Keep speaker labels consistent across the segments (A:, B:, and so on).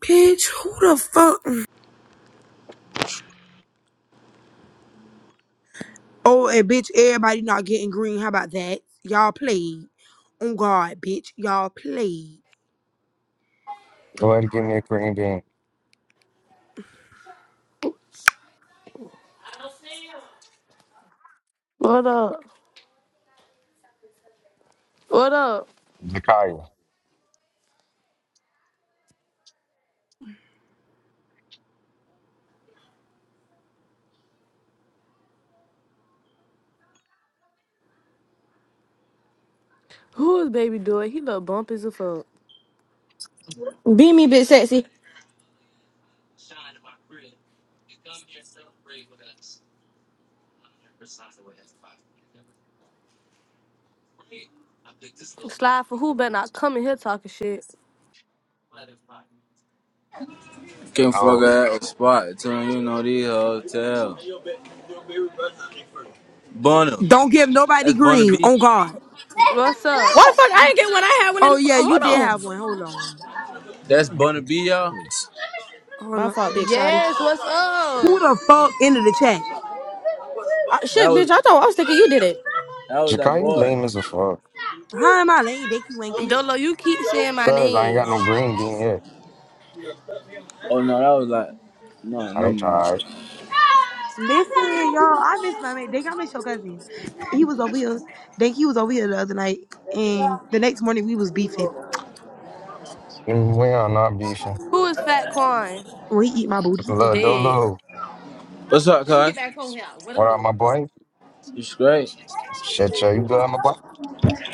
A: Bitch, who the fuck? Oh, and bitch, everybody not getting green. How about that? Y'all played. On God, bitch. Y'all played.
B: Go ahead and give me a green bean.
C: What up? What up?
B: Jakaya.
C: Who is baby doing? He look bump as a fuck.
D: Be me, bitch, sexy.
C: Slide for who better not come in here talking shit.
E: Can't fuck
B: No.
E: out a spot until you know these hotel. Bunna.
A: Don't give nobody
E: That's Bunna
A: green.
E: B.
A: On God.
C: What's up?
D: Why the fuck I didn't get one? I had one in.
A: Oh,
D: The,
A: yeah, you
D: hold
A: did have
D: on,
A: one. Hold on.
E: That's Bunna B, y'all.
A: Hold
D: my
A: on.
D: fault, big shotty.
C: Yes, what's
A: Who
C: up?
A: the fuck into the chat?
D: I,
E: That
D: shit, bitch.
E: was
D: I thought I was thinking you did it.
E: that was that
B: Jakaya
E: boy.
B: lame as a fuck.
A: Hi, my lady. Dinky Winky.
C: Dolo, you keep saying my
B: Cause I ain't got
C: name.
B: no green bean yet.
E: Oh no, that was like no,
B: I
E: no mind.
B: tried.
A: Listen, y'all, I miss my man. Dink, I miss your cousin. He was over here. Dink, he was over here the other night. And the next morning, we was beefing.
B: Mm, We are not beefing.
C: Who is Fat Quan?
A: When he eat my booty.
B: Little
C: Dead.
B: Dolo.
E: What's up,
C: Let me get
E: cuz?
C: back home here. What
B: What up,
C: up?
B: my boy?
E: You straight?
B: Shit, yo, you good, my boy?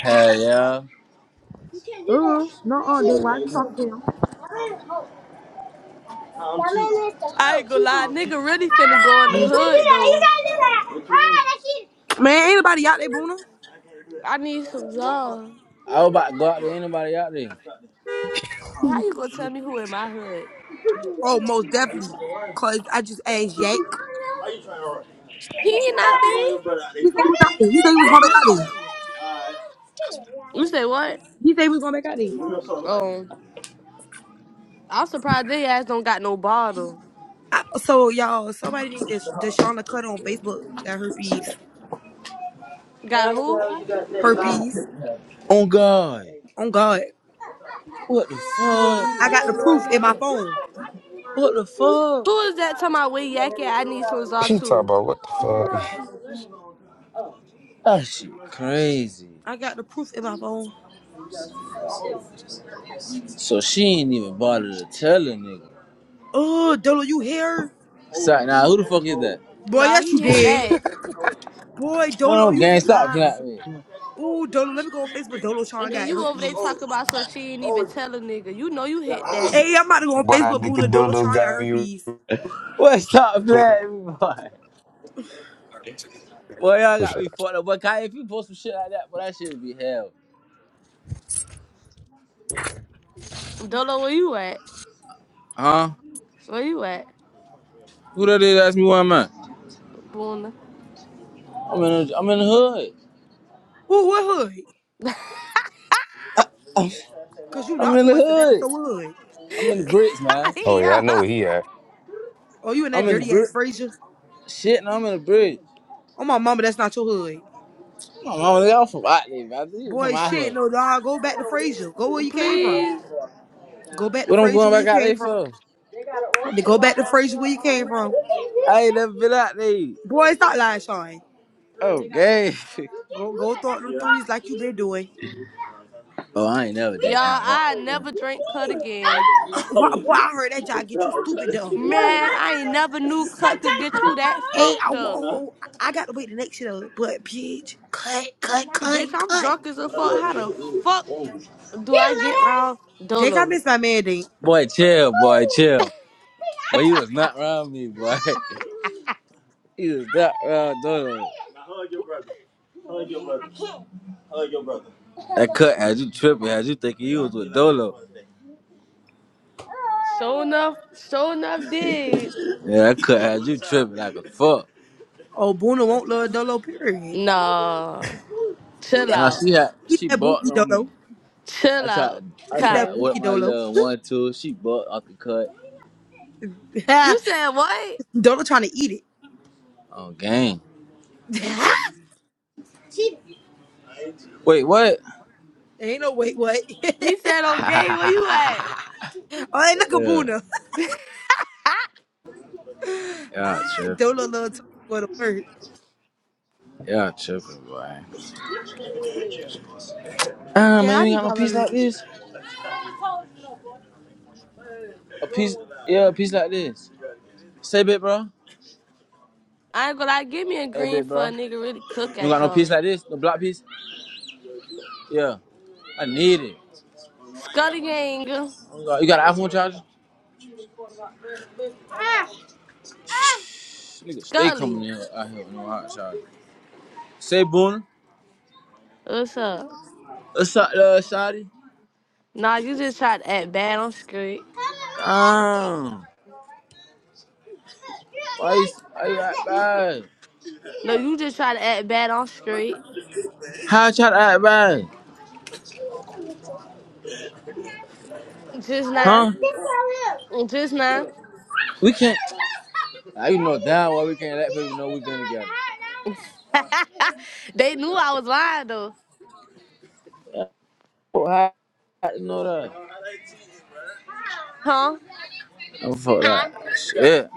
E: Hell yeah. You can't do that.
A: Uh, no, uh, Dink, why you talking to him?
E: My name is the
C: I ain't
E: host.
C: gonna lie,
E: Ah, you
C: nigga really finna go in the
E: can't do
C: hood
E: that. You
C: though.
E: can't do that. Ah, that's it.
A: Man, anybody out there, Boona?
C: I need some job.
E: I was about to go out to anybody out there. Why
C: How you gonna tell me who in my hood?
A: Oh, most definitely. Cause I just asked Yak.
E: you trying to to
C: He
E: I'm
C: ain't not
E: going
C: there.
E: your brother out there?
A: He said he
E: I'm
A: was out
E: gonna
A: there. He said
E: do it.
A: he was gonna make out there.
C: You say
E: All
C: what?
E: right.
A: He said he was gonna make out there.
C: Um, I'm surprised they ass don't got no bottle.
A: I, so y'all, somebody need this Deshauna cut on Facebook that herpes.
C: Got who?
A: Herpes.
E: Oh God.
A: Oh God.
E: What the
A: I
E: fuck?
A: got the proof in my phone.
E: What the fuck?
C: Who is that talking about we yak it? I need some Zaw
B: She talk
C: too.
B: about what the fuck?
E: That shit crazy.
A: I got the proof in my phone.
E: So she ain't even bother to tell a nigga.
A: Oh, Dolo, you here?
E: Sorry, now who the fuck is that?
A: Boy,
C: Nah,
A: yes you
C: he hit
A: did.
C: that.
A: Boy,
E: No,
A: Dolo,
E: no,
A: you
E: gang, stop
A: fine.
E: playing with me.
A: Ooh, Dolo, let me go on Facebook. Dolo Sean
C: And then
A: got
C: you over there
A: herpes.
C: talk about so she ain't even tell a nigga. You know you hit that.
A: Hey, I'm about to go on
B: What that
A: Facebook, Buna.
B: nigga
A: Dolo
B: Dolo
A: Sean got
B: got you.
A: herpes.
E: Boy, stop playing with me, boy. Boy, y'all got
B: Appreciate
E: me
B: it.
E: fucked up. Boy, Kai, if you post some shit like that, boy, that shit be hell.
C: Dolo, where you at?
E: Huh?
C: Where you at?
E: Who that is ask me where I'm at?
C: Boona.
E: I'm in, the, I'm in the hood.
A: Ooh, what hood? Cause you
E: I'm
A: not
E: in
A: from
E: the
A: West Atlanta,
E: hood.
A: so what hood?
E: I'm in the bricks, man.
B: Oh yeah, I
C: yeah.
B: know where he at.
A: Oh, you in that
E: I'm in the
A: dirty ass
E: brick.
A: Fraser?
E: Shit, no, I'm in the bridge.
A: Oh my mama, that's not your hood.
E: My mama, they all from out there, man. They from
A: Boy,
E: out
A: shit,
E: here.
A: no dog. Go back to Fraser. Go where you came from.
C: Please.
A: Go back to
E: What I'm
A: Fraser
E: going
A: where you
E: back out
A: came
E: there
A: from.
E: for? They got an oyster
A: Go
E: bar
A: back to
E: down there.
A: Fraser where you came
E: already.
A: from.
E: I ain't never been out there.
A: Boy, stop lying, Sean.
E: Oh, gay.
A: Go go throw up them threes like you been doing.
E: Oh, I ain't never
C: Y'all,
E: did none of
C: I never drink cut again.
A: Why, boy, I
E: that.
A: heard that job get you stupid dumb.
C: Man, I ain't never knew cut could get you that
A: Hey, I
C: fucked up.
A: won't. I got to wait the next shit up. But bitch, cut, cut, cut,
C: Bitch, I'm
A: cut.
C: drunk as a fuck. How the fuck
E: right
C: do I get
E: there.
C: round
A: Dick, I
C: Dolo?
A: miss my man. Dick.
E: Boy, chill, boy, chill. Boy, you was not around me, boy. You was not around Dodo. Now hug your brother. Hug your brother. Hug your brother. That cut had you tripping, had you thinking you was with Dolo.
C: Sure enough, sure enough did.
E: Yeah, that cut had you tripping like a fuck.
A: Oh, Boona won't love Dolo. Period.
C: Nah.
A: Eat
C: Chill
A: that.
E: Nah,
C: out.
E: she had
A: Eat
E: she
A: that bookie
E: bucked on me.
A: Dolo.
E: I
C: Chill
E: tried
C: out,
E: I
A: Eat that
E: tried
C: Kyle.
E: with
A: bookie
E: my
A: Dolo.
E: little one two. She bucked off the cut.
C: You said what?
A: Dolo trying to eat it.
E: Oh gang. Wait, what?
A: ain't no wait what. oh,
C: He said, okay,
E: yeah,
C: where you at?
A: ain't like a boona. I
E: yeah, tripping.
A: don't know a little talk go to work.
E: Yeah, tripping, boy. Ah, man,
A: Yeah, I
E: you ain't
A: need
E: got
A: to
E: no
A: call
E: piece
A: my
E: like this. A piece, yeah, a piece like this. Say bit, bro.
C: I ain't gonna lie, give me a
E: Hey,
C: green
E: bit,
C: for
E: bro.
C: a nigga really
E: You
C: cook
E: ain't
C: at
E: got no piece
C: y'all.
E: like this? No black piece? Yeah, I need it.
C: Scully gang.
E: You got, you got an iPhone charger? Shh, Nigga, stay
C: Scully.
E: coming in out here with no hot charger. Say boon.
C: What's up?
E: What's up, uh, shawty.
C: Nah, you just tried to act bad on street.
E: Ah, why you, why you act bad?
C: No, you just tried to act bad on street.
E: How I try to act bad?
C: Just now.
E: Huh?
C: Just now.
E: We can't. I you know down why we can't let people know we've been together.
C: they knew I was lying though.
E: Oh, how you know that?
C: Huh?
E: Oh, fuck that. Shit.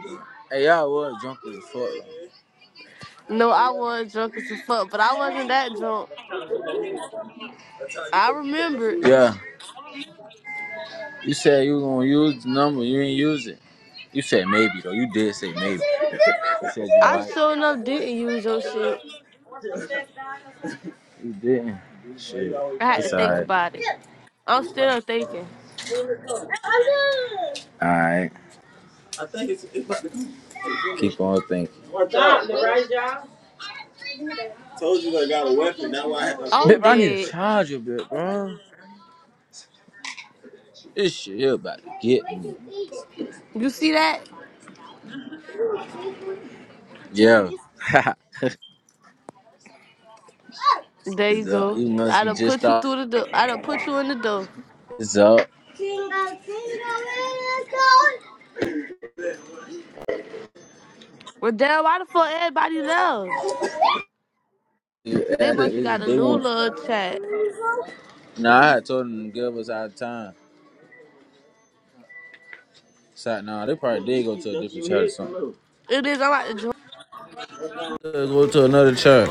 E: Hey, y'all was drunk as fuck.
C: No, I was drunk as a fuck, but I wasn't that drunk. I remember.
E: Yeah. You said you were gonna use the number, you didn't use it. You said maybe though. You did say maybe. You said
C: I
E: you
C: sure enough didn't use your shit.
E: might. You didn't. Shit.
C: I had to
E: It's
C: think
E: alright.
C: about it. I'm still thinking.
E: Alright. I think it's, it's about to come. Keep on thinking. right Told you I got a weapon. Now why I had to. Bitch,
C: I'm
E: I need to
C: dead.
E: charge a bit, bro. This shit here about to get me.
C: You see that?
E: Yeah.
C: There you
E: it's up.
C: go.
E: You must
C: I
E: be
C: done
E: just
C: put you
E: off.
C: through the door. I done put you in the door.
E: It's up. You-
C: Well, damn, why the fuck everybody love? They must be got a
E: They
C: new
E: want
C: love chat.
E: Nah, I had told them to give us our time. So, nah, they probably did go to a different church or something.
C: It is. I'm about to join.
E: Go to another church.